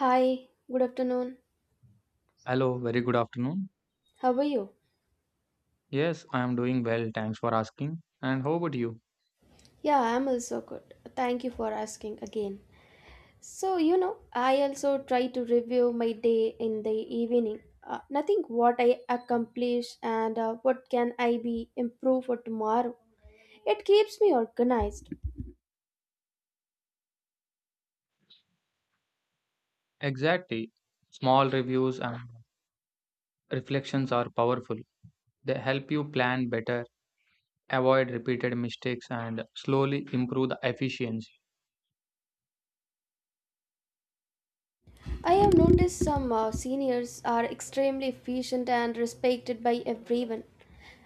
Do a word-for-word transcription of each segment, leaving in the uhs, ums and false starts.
Hi, good afternoon. Hello, very good afternoon. How are you? Yes, I am doing well, thanks for asking. And how about you? Yeah, I'm also good. Thank you for asking again. So, you know, I also try to review my day in the evening. Uh, nothing what I accomplished and uh, what can I be improved for tomorrow. It keeps me organized. Exactly. Small reviews and reflections are powerful. They help you plan better, avoid repeated mistakes, and slowly improve the efficiency. I have noticed some uh, seniors are extremely efficient and respected by everyone.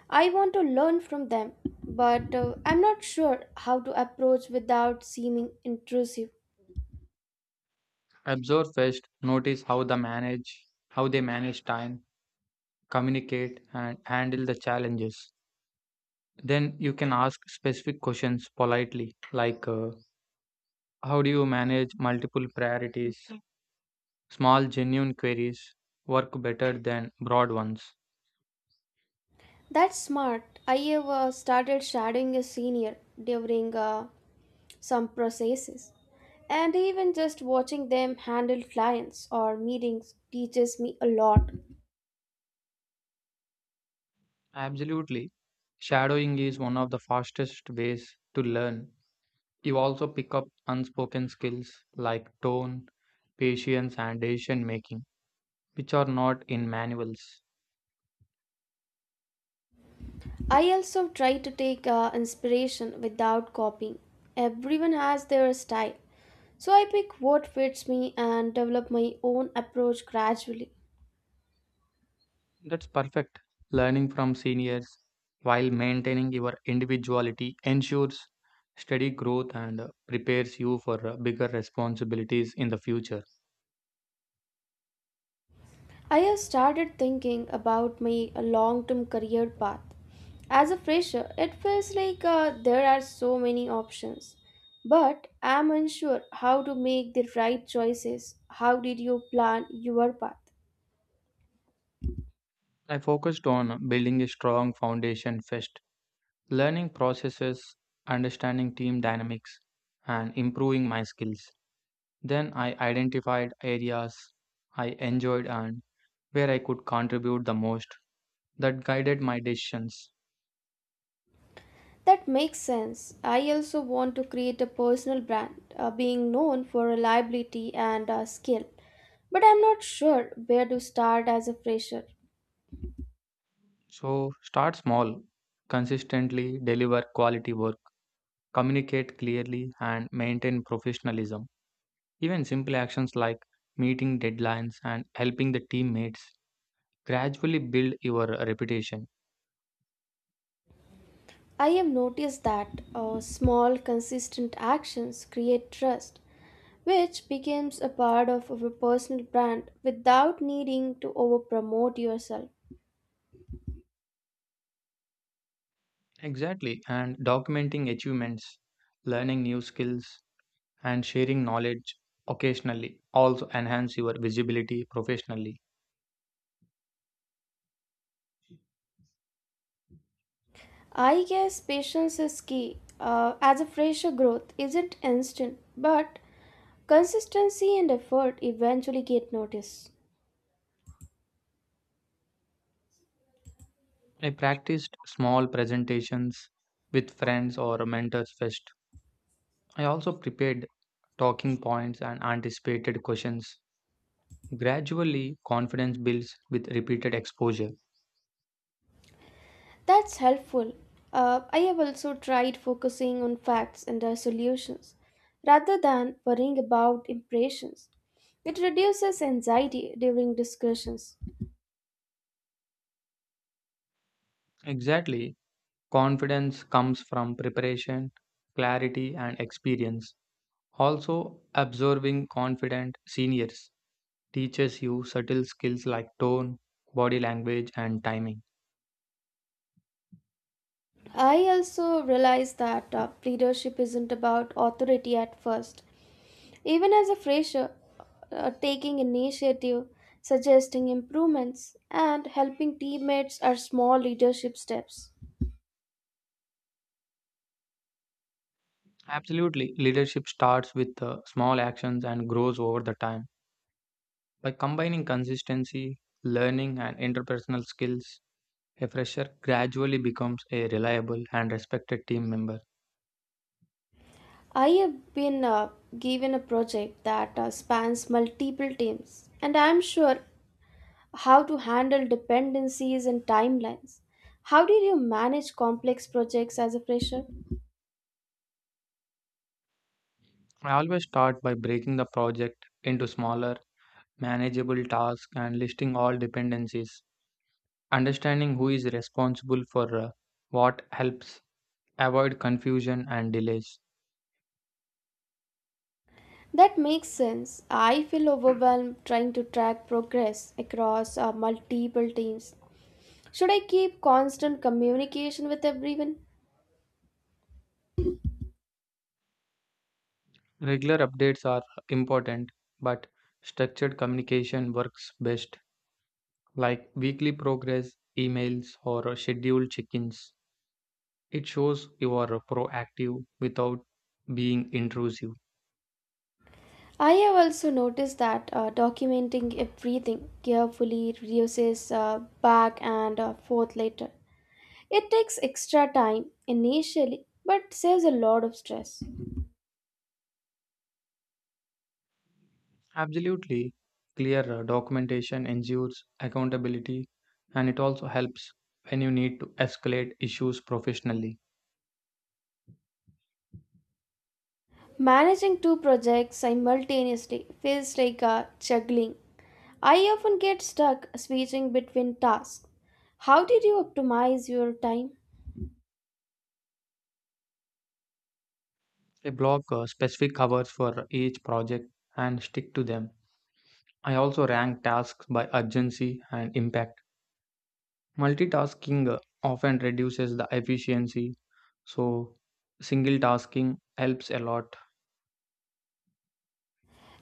I want to learn from them, but uh, I'm not sure how to approach without seeming intrusive. Observe first, notice how the manage, how they manage time, communicate, and handle the challenges. Then you can ask specific questions politely, like uh, how do you manage multiple priorities? Small, genuine queries work better than broad ones. That's smart. I have uh, started shadowing a senior during uh, some processes, and even just watching them handle clients or meetings teaches me a lot. Absolutely. Shadowing is one of the fastest ways to learn. You also pick up unspoken skills like tone, patience, and decision making, which are not in manuals. I also try to take uh, inspiration without copying. Everyone has their style, so I pick what fits me and develop my own approach gradually. That's perfect. Learning from seniors while maintaining your individuality ensures steady growth and uh, prepares you for uh, bigger responsibilities in the future. I have started thinking about my long term career path. As a fresher, it feels like uh, there are so many options, but I am unsure how to make the right choices. How did you plan your path? I focused on building a strong foundation first learning processes, understanding team dynamics, and improving my skills. Then I identified areas I enjoyed and where I could contribute the most that guided my decisions. That makes sense. I also want to create a personal brand, uh, being known for reliability and uh, skill, but I'm not sure where to start as a fresher. So start small, consistently deliver quality work, communicate clearly, and maintain professionalism. Even simple actions like meeting deadlines and helping the teammates gradually build your reputation. I have noticed that uh, small, consistent actions create trust, which becomes a part of our personal brand without needing to over promote yourself. Exactly, and documenting achievements, learning new skills, and sharing knowledge occasionally also enhance your visibility professionally. I guess patience is key, uh, as a fresher growth isn't instant, but consistency and effort eventually get noticed. I practiced small presentations with friends or mentors first. I also prepared talking points and anticipated questions. Gradually, confidence builds with repeated exposure. That's helpful. Uh, I have also tried focusing on facts and their solutions rather than worrying about impressions. It reduces anxiety during discussions. Exactly, confidence comes from preparation, clarity, and experience. Also, observing confident seniors teaches you subtle skills like tone, body language, and timing. I also realized that uh, leadership isn't about authority at first. Even as a fresher, uh, taking initiative, suggesting improvements, and helping teammates are small leadership steps. Absolutely, leadership starts with the small actions and grows over the time. By combining consistency, learning, and interpersonal skills, a fresher gradually becomes a reliable and respected team member. I have been uh, given a project that uh, spans multiple teams, and I'm sure how to handle dependencies and timelines. How did you manage complex projects as a fresher? I always start by breaking the project into smaller, manageable tasks and listing all dependencies. Understanding who is responsible for uh, what helps avoid confusion and delays. That makes sense. I feel overwhelmed trying to track progress across uh, multiple teams. Should I keep constant communication with everyone? Regular updates are important, but structured communication works best, like weekly progress emails or scheduled check ins. It shows you are proactive without being intrusive. I have also noticed that uh, documenting everything carefully reduces uh, back and uh, forth later. It takes extra time initially but saves a lot of stress. Absolutely, clear uh, documentation ensures accountability, and it also helps when you need to escalate issues professionally. Managing two projects simultaneously feels like uh, juggling. I often get stuck switching between tasks. How did you optimize your time? I block uh, specific hours for each project and stick to them. I also rank tasks by urgency and impact. Multitasking uh, often reduces the efficiency, so single tasking helps a lot.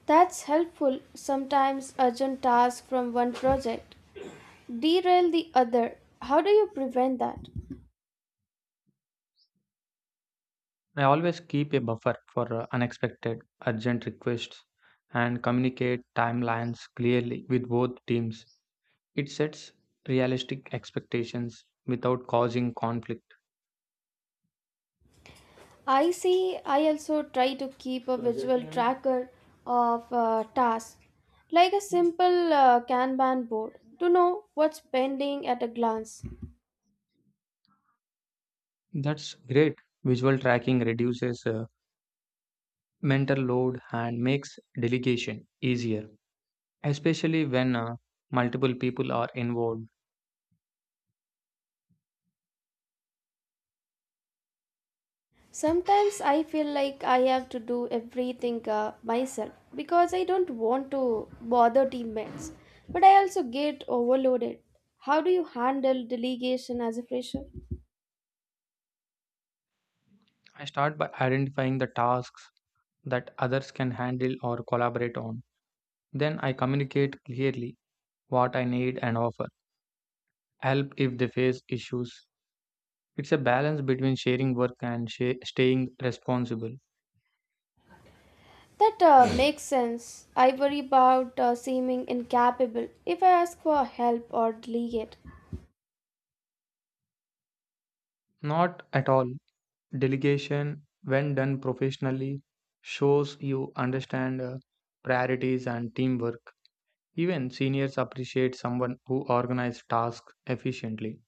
That's helpful. Sometimes urgent tasks from one project derail the other. How do you prevent that? I always keep a buffer for uh, unexpected urgent requests and communicate timelines clearly with both teams. It sets realistic expectations without causing conflict. I see, I also try to keep a visual tracker of uh, tasks, like a simple uh, Kanban board, to know what's pending at a glance. That's great. Visual tracking reduces uh, mental load and makes delegation easier, especially when uh, multiple people are involved. Sometimes I feel like I have to do everything uh, myself because I don't want to bother teammates. But I also get overloaded. How do you handle delegation as a fresher? I start by identifying the tasks that others can handle or collaborate on. Then I communicate clearly what I need and offer help if they face issues. It's a balance between sharing work and sha- staying responsible. That uh, makes sense. I worry about uh, seeming incapable if I ask for help or delegate. Not at all. Delegation, when done professionally, shows you understand uh, priorities and teamwork. Even seniors appreciate someone who organizes tasks efficiently.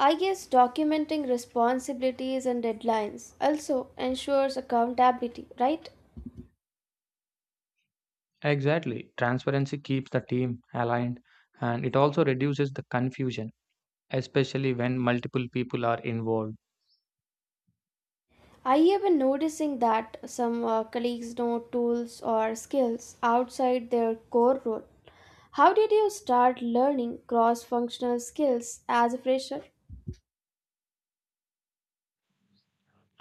I guess documenting responsibilities and deadlines also ensures accountability, right? Exactly. Transparency keeps the team aligned, and it also reduces the confusion, especially when multiple people are involved. I have been noticing that some uh, colleagues know tools or skills outside their core role. How did you start learning cross functional skills as a fresher?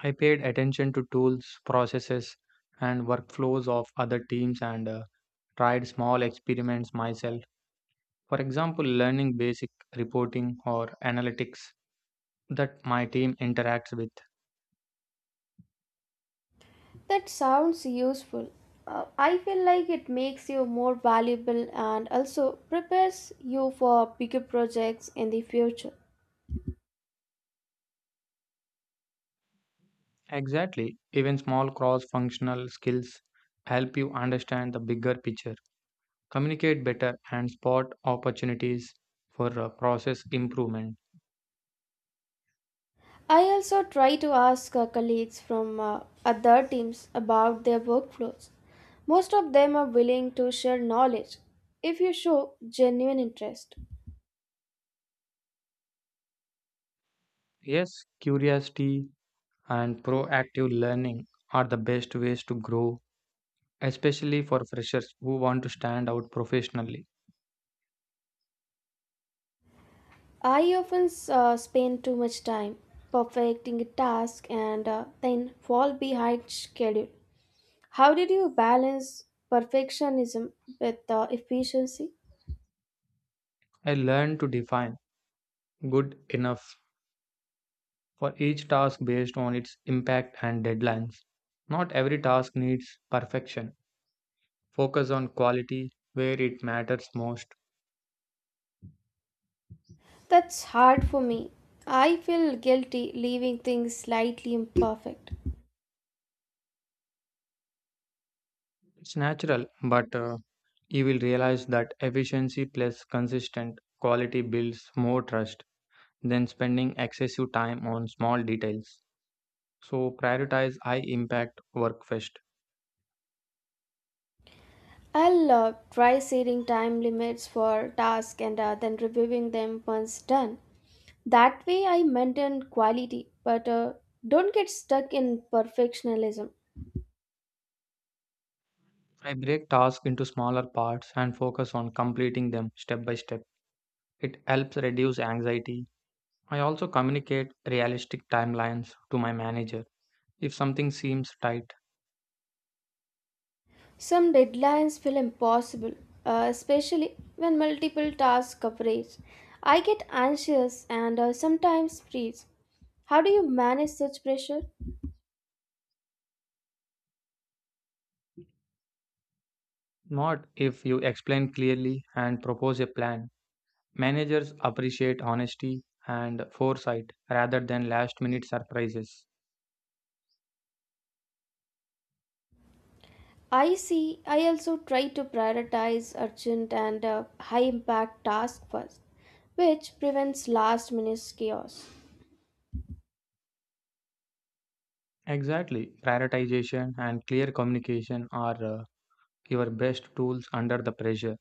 I paid attention to tools, processes, and workflows of other teams and uh, tried small experiments myself. For example, learning basic reporting or analytics that my team interacts with. That sounds useful. Uh, I feel like it makes you more valuable and also prepares you for bigger projects in the future. Exactly. Even small cross functional skills help you understand the bigger picture, communicate better, and spot opportunities for uh, process improvement. I also try to ask uh, colleagues from uh, other teams about their workflows. Most of them are willing to share knowledge if you show genuine interest. Yes, curiosity and proactive learning are the best ways to grow, especially for freshers who want to stand out professionally. I often uh, spend too much time perfecting a task and uh, then fall behind schedule. How did you balance perfectionism with uh, efficiency? I learned to define good enough for each task based on its impact and deadlines. Not every task needs perfection. Focus on quality where it matters most. That's hard for me. I feel guilty leaving things slightly imperfect. It's natural, but uh, you will realize that efficiency plus consistent quality builds more trust than spending excessive time on small details. So prioritize high impact work first. I'll uh, try setting time limits for tasks and uh, then reviewing them once done. That way, I maintain quality, but uh, don't get stuck in perfectionism. I break tasks into smaller parts and focus on completing them step by step. It helps reduce anxiety. I also communicate realistic timelines to my manager if something seems tight. Some deadlines feel impossible, uh, especially when multiple tasks coverage. I get anxious and uh, sometimes freeze. How do you manage such pressure? Not if you explain clearly and propose a plan. Managers appreciate honesty and foresight rather than last minute surprises. I see, I also try to prioritize urgent and uh, high impact tasks first, which prevents last minute chaos. Exactly. Prioritization and clear communication are uh, your best tools under the pressure.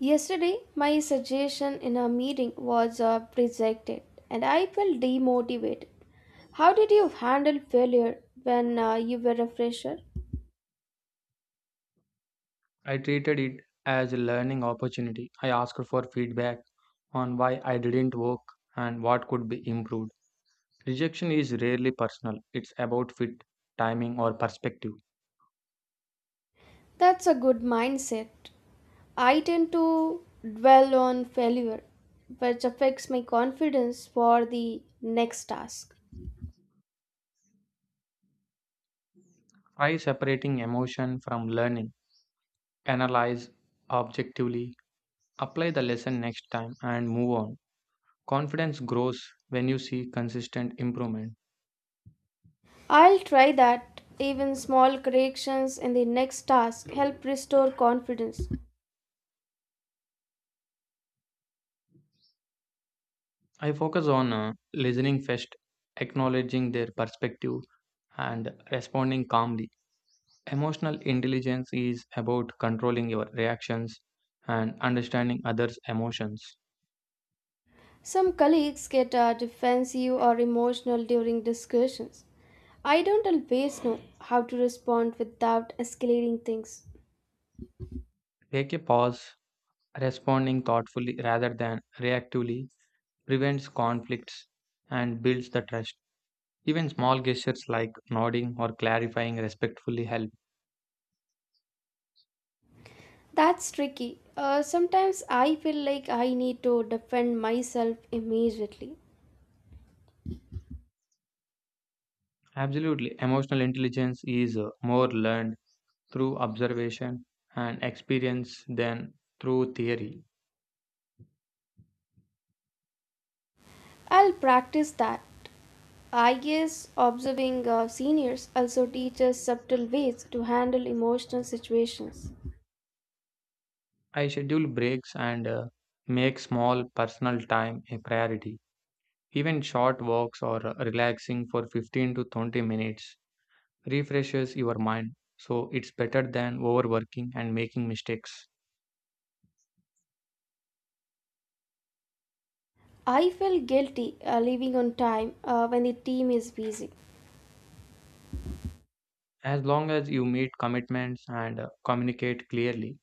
Yesterday, my suggestion in a meeting was uh, rejected and I felt demotivated. How did you handle failure when uh, you were a fresher? I treated it as a learning opportunity. I asked for feedback on why I didn't work and what could be improved. Rejection is rarely personal, it's about fit, timing, or perspective. That's a good mindset. I tend to dwell on failure, which affects my confidence for the next task. Try separating emotion from learning, analyze objectively, apply the lesson next time, and move on. Confidence grows when you see consistent improvement. I'll try that. Even small corrections in the next task help restore confidence. I focus on uh, listening first, acknowledging their perspective, and responding calmly. Emotional intelligence is about controlling your reactions and understanding others' emotions. Some colleagues get uh, defensive or emotional during discussions. I don't always know how to respond without escalating things. Take a pause, responding thoughtfully rather than reactively prevents conflicts and builds the trust. Even small gestures like nodding or clarifying respectfully help. That's tricky. Uh, sometimes I feel like I need to defend myself immediately. Absolutely, emotional intelligence is uh, more learned through observation and experience than through theory. I'll practice that. I guess observing uh, seniors also teaches subtle ways to handle emotional situations. I schedule breaks and uh, make small personal time a priority. Even short walks or uh, relaxing for fifteen to twenty minutes refreshes your mind, so it's better than overworking and making mistakes. I feel guilty uh, leaving on time uh, when the team is busy. As long as you meet commitments and uh, communicate clearly,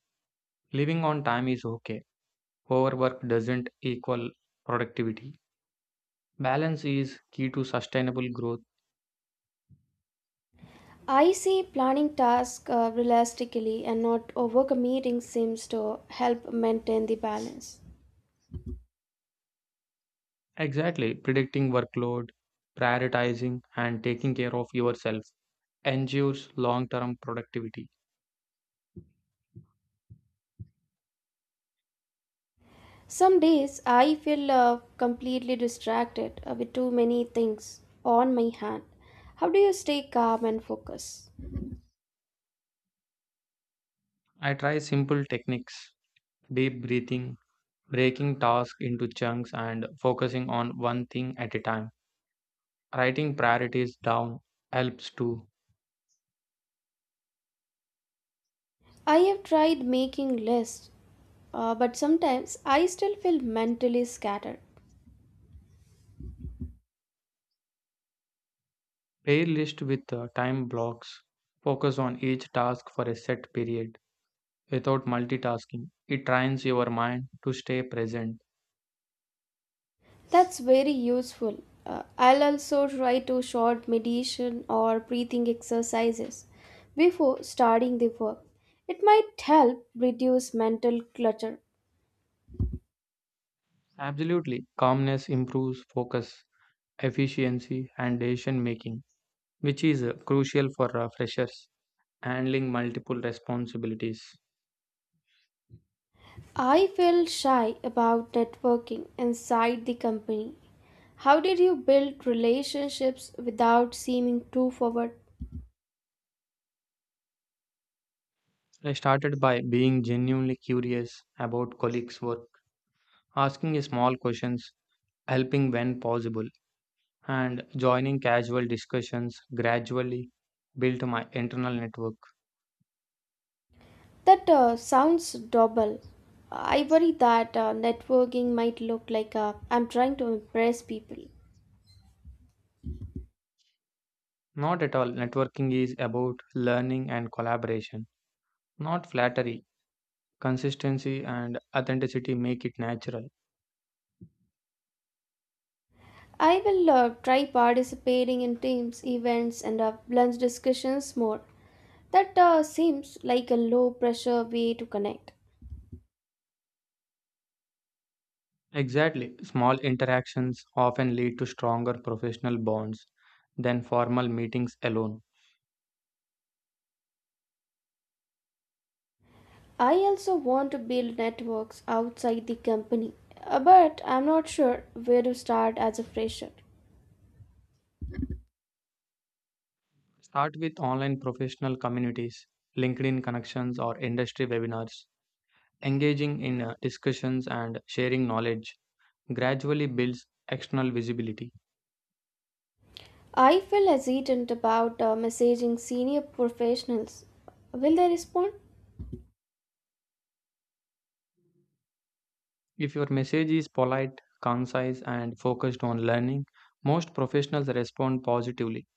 living on time is okay. Overwork doesn't equal productivity. Balance is key to sustainable growth. I see planning tasks uh, realistically and not overcommitting seems to help maintain the balance. Exactly. Predicting workload, prioritizing, and taking care of yourself ensures long term productivity. Some days I feel uh, completely distracted uh, with too many things on my hand. How do you stay calm and focus? I try simple techniques, deep breathing, breaking tasks into chunks, and focusing on one thing at a time. Writing priorities down helps too. I have tried making lists, uh, but sometimes I still feel mentally scattered. Pair list with uh, time blocks. Focus on each task for a set period without multitasking. It trains your mind to stay present. That's very useful. Uh, I'll also try to short meditation or breathing exercises before starting the work. It might help reduce mental clutter. Absolutely. Calmness improves focus, efficiency, and decision making, which is uh, crucial for uh, freshers handling multiple responsibilities. I feel shy about networking inside the company. How did you build relationships without seeming too forward? I started by being genuinely curious about colleagues' work, asking small questions, helping when possible, and joining casual discussions gradually built my internal network. That uh, sounds double. I worry that uh, networking might look like uh, I'm trying to impress people. Not at all. Networking is about learning and collaboration. Not flattery, consistency and authenticity make it natural. I will uh, try participating in teams, events, and uh, lunch discussions more. That uh, seems like a low pressure way to connect. Exactly. Small interactions often lead to stronger professional bonds than formal meetings alone. I also want to build networks outside the company, uh, but I'm not sure where to start as a fresher. Start with online professional communities, LinkedIn connections, or industry webinars. Engaging in uh, discussions and sharing knowledge gradually builds external visibility. I feel hesitant about uh, messaging senior professionals. Will they respond? If your message is polite, concise, and focused on learning, most professionals respond positively.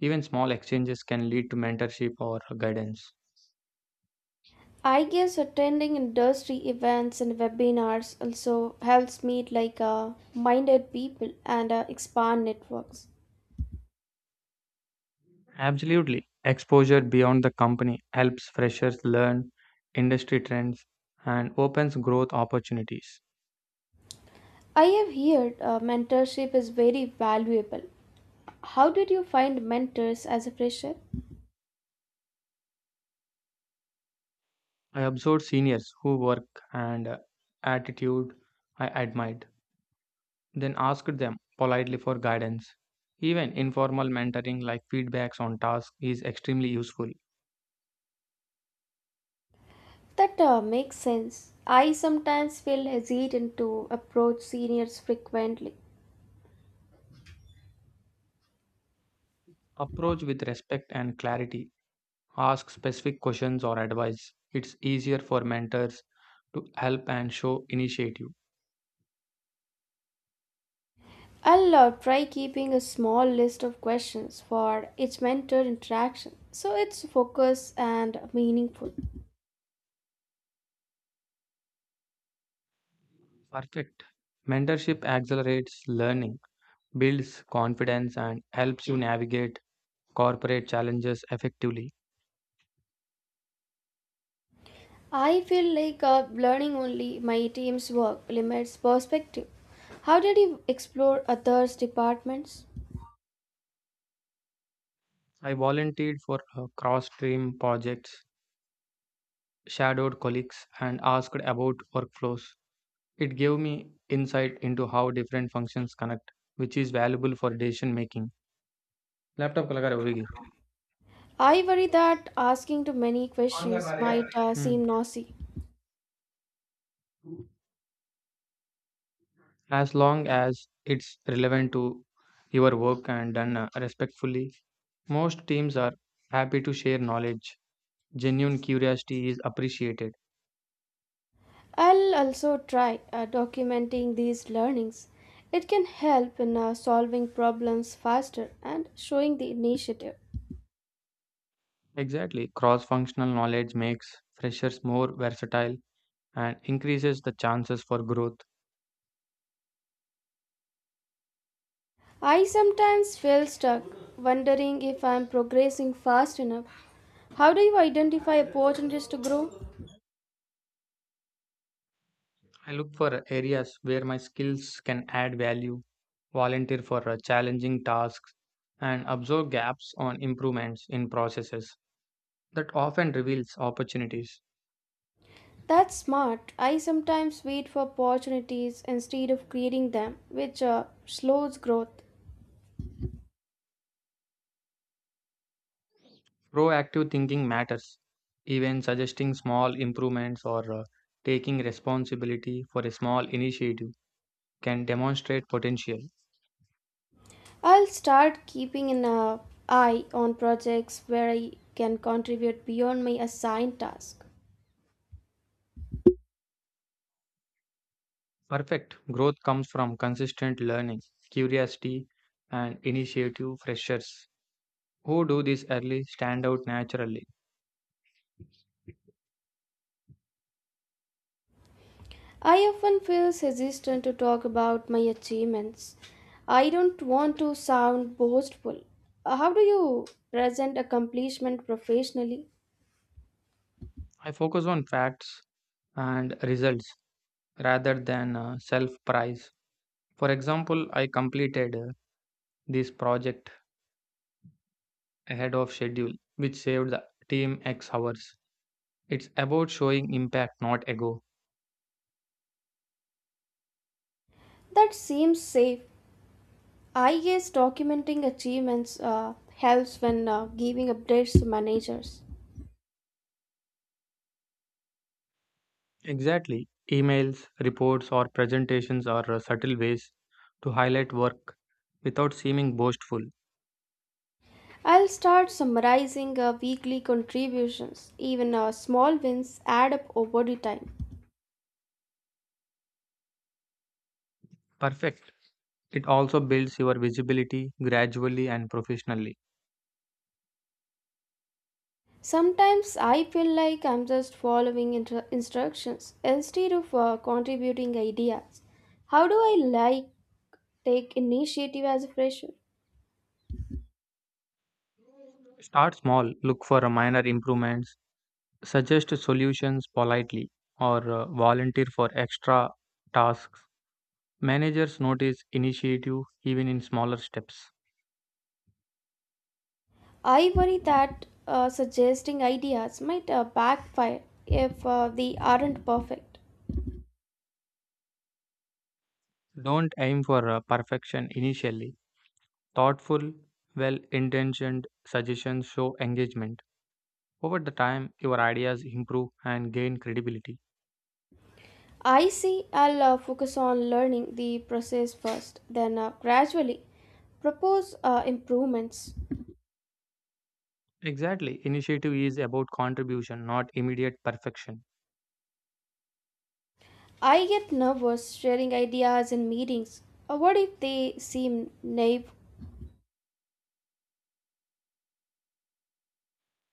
Even small exchanges can lead to mentorship or guidance. I guess attending industry events and webinars also helps meet like uh, minded people and uh, expand networks. Absolutely. Exposure beyond the company helps freshers learn industry trends and opens growth opportunities. I have heard uh, mentorship is very valuable. How did you find mentors as a fresher? I observed seniors who work and uh, attitude I admired, then asked them politely for guidance. Even informal mentoring like feedbacks on tasks is extremely useful. That uh, makes sense. I sometimes feel hesitant to approach seniors frequently. Approach with respect and clarity. Ask specific questions or advice. It's easier for mentors to help and show initiative. I'll uh, try keeping a small list of questions for each mentor interaction so it's focused and meaningful. Perfect. Mentorship accelerates learning, builds confidence, and helps you navigate corporate challenges effectively. I feel like uh, learning only my team's work limits perspective. How did you explore others' departments? I volunteered for cross stream projects, shadowed colleagues, and asked about workflows. It gave me insight into how different functions connect, which is valuable for decision making. Laptop कलाकार होगी I worry that asking too many questions might uh, seem noisy. as long as it's relevant to your work and done uh, respectfully. Most teams are happy to share knowledge. Genuine curiosity is appreciated. I'll also try uh, documenting these learnings. It can help in uh, solving problems faster and showing the initiative. Exactly. Cross functional knowledge makes freshers more versatile and increases the chances for growth. I sometimes feel stuck, wondering if I'm progressing fast enough. How do you identify opportunities to grow? I look for areas where my skills can add value, volunteer for uh, challenging tasks, and observe gaps on improvements in processes that often reveals opportunities. That's smart. I sometimes wait for opportunities instead of creating them, which uh, slows growth. Proactive thinking matters. Even suggesting small improvements or uh, taking responsibility for a small initiative can demonstrate potential. I'll start keeping an uh, eye on projects where I can contribute beyond my assigned task. Perfect growth comes from consistent learning, curiosity, and initiative freshers who do this early stand out naturally. I often feel hesitant to talk about my achievements. I don't want to sound boastful. Uh, How do you present accomplishment professionally? I focus on facts and results rather than uh, self price. For example, I completed uh, this project ahead of schedule, which saved the team X hours. It's about showing impact, not ego. That seems safe. I guess documenting achievements uh, helps when uh, giving updates to managers. Exactly. Emails, reports, or presentations are uh, subtle ways to highlight work without seeming boastful. I'll start summarizing our weekly contributions. Even our small wins add up over the time. Perfect. It also builds your visibility gradually and professionally. Sometimes I feel like I'm just following inter- instructions instead of uh, contributing ideas. How do I like take initiative as a fresher? Start small, look for uh, minor improvements, suggest solutions politely, or uh, volunteer for extra tasks. Managers notice initiative even in smaller steps. I worry that uh, suggesting ideas might uh, backfire if uh, they aren't perfect. Don't aim for uh, perfection initially. Thoughtful, well intentioned suggestions show engagement. Over the time, your ideas improve and gain credibility. I see I'll uh, focus on learning the process first, then uh, gradually propose uh, improvements. Exactly, initiative is about contribution, not immediate perfection. I get nervous sharing ideas in meetings. Uh, what if they seem naive?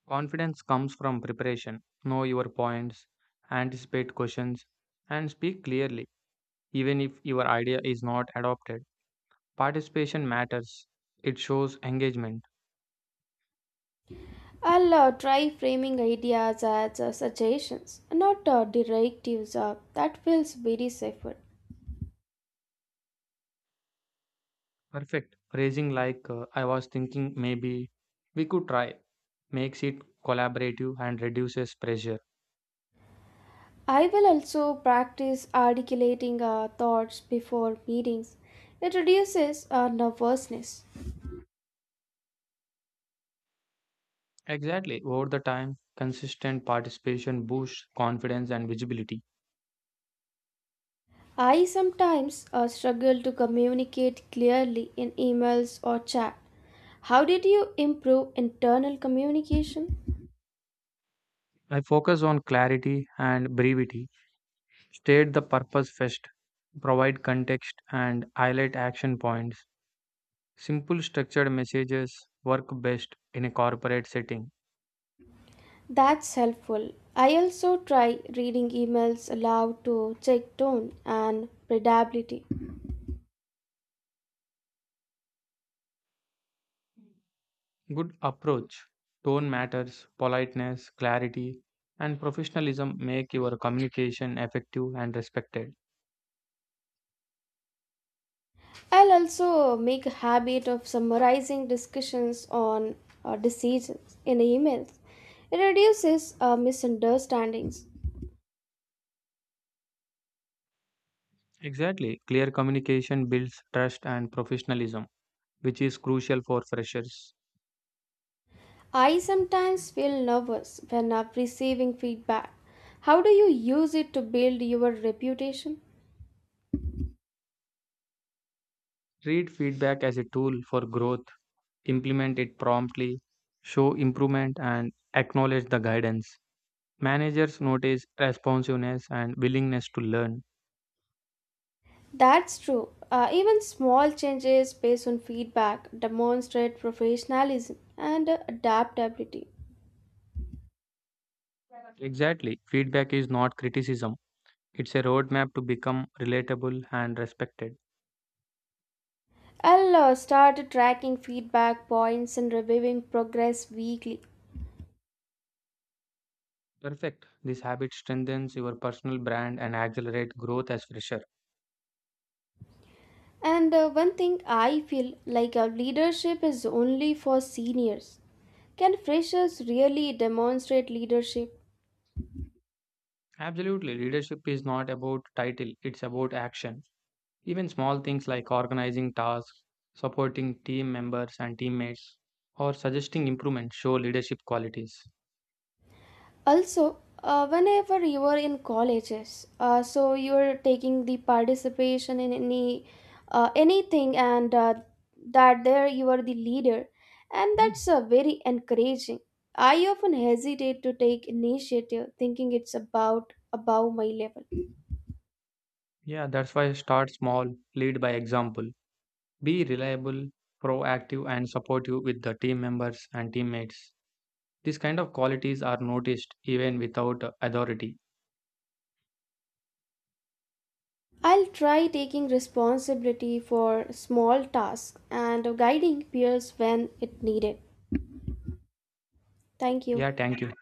Confidence comes from preparation. Know your points, anticipate questions, and speak clearly, even if your idea is not adopted. Participation matters, it shows engagement. I'll uh, try framing ideas as uh, suggestions, not uh, directives. Uh, that feels very safer. Perfect. Phrasing like uh, I was thinking maybe we could try makes it collaborative and reduces pressure. I will also practice articulating uh, thoughts before meetings. It reduces uh, nervousness. Exactly. Over the time, consistent participation boosts confidence and visibility. I sometimes uh, struggle to communicate clearly in emails or chat. How did you improve internal communication? I focus on clarity and brevity, state the purpose first, provide context and highlight action points. Simple structured messages work best in a corporate setting. That's helpful. I also try reading emails aloud to check tone and readability. Good approach. Tone matters, politeness, clarity, and professionalism make your communication effective and respected. I'll also make a habit of summarizing discussions on uh, decisions in emails. It reduces uh, misunderstandings. Exactly. Clear communication builds trust and professionalism, which is crucial for freshers. I sometimes feel nervous when I'm receiving feedback. How do you use it to build your reputation? Treat feedback as a tool for growth, implement it promptly, show improvement, and acknowledge the guidance. Managers notice responsiveness and willingness to learn. That's true. Uh, even small changes based on feedback demonstrate professionalism and uh, adaptability. Exactly. Feedback is not criticism. It's a roadmap to become relatable and respected. I'll uh, start tracking feedback points and reviewing progress weekly. Perfect. This habit strengthens your personal brand and accelerate growth as fresher. And uh, one thing, I feel like our leadership is only for seniors. Can freshers really demonstrate leadership? Absolutely. Leadership is not about title, it's about action. Even small things like organizing tasks, supporting team members and teammates, or suggesting improvements show leadership qualities. Also, uh, whenever you are in colleges, uh, so you are taking the participation in any uh, anything, and uh, that there you are the leader, and Mm. That's uh, very encouraging. I often hesitate to take initiative, thinking it's about above my level. Yeah, that's why start small, lead by example. Be reliable, proactive, and supportive with the team members and teammates. These kind of qualities are noticed even without authority. I'll try taking responsibility for small tasks and guiding peers when it needed. Thank you. Yeah, thank you.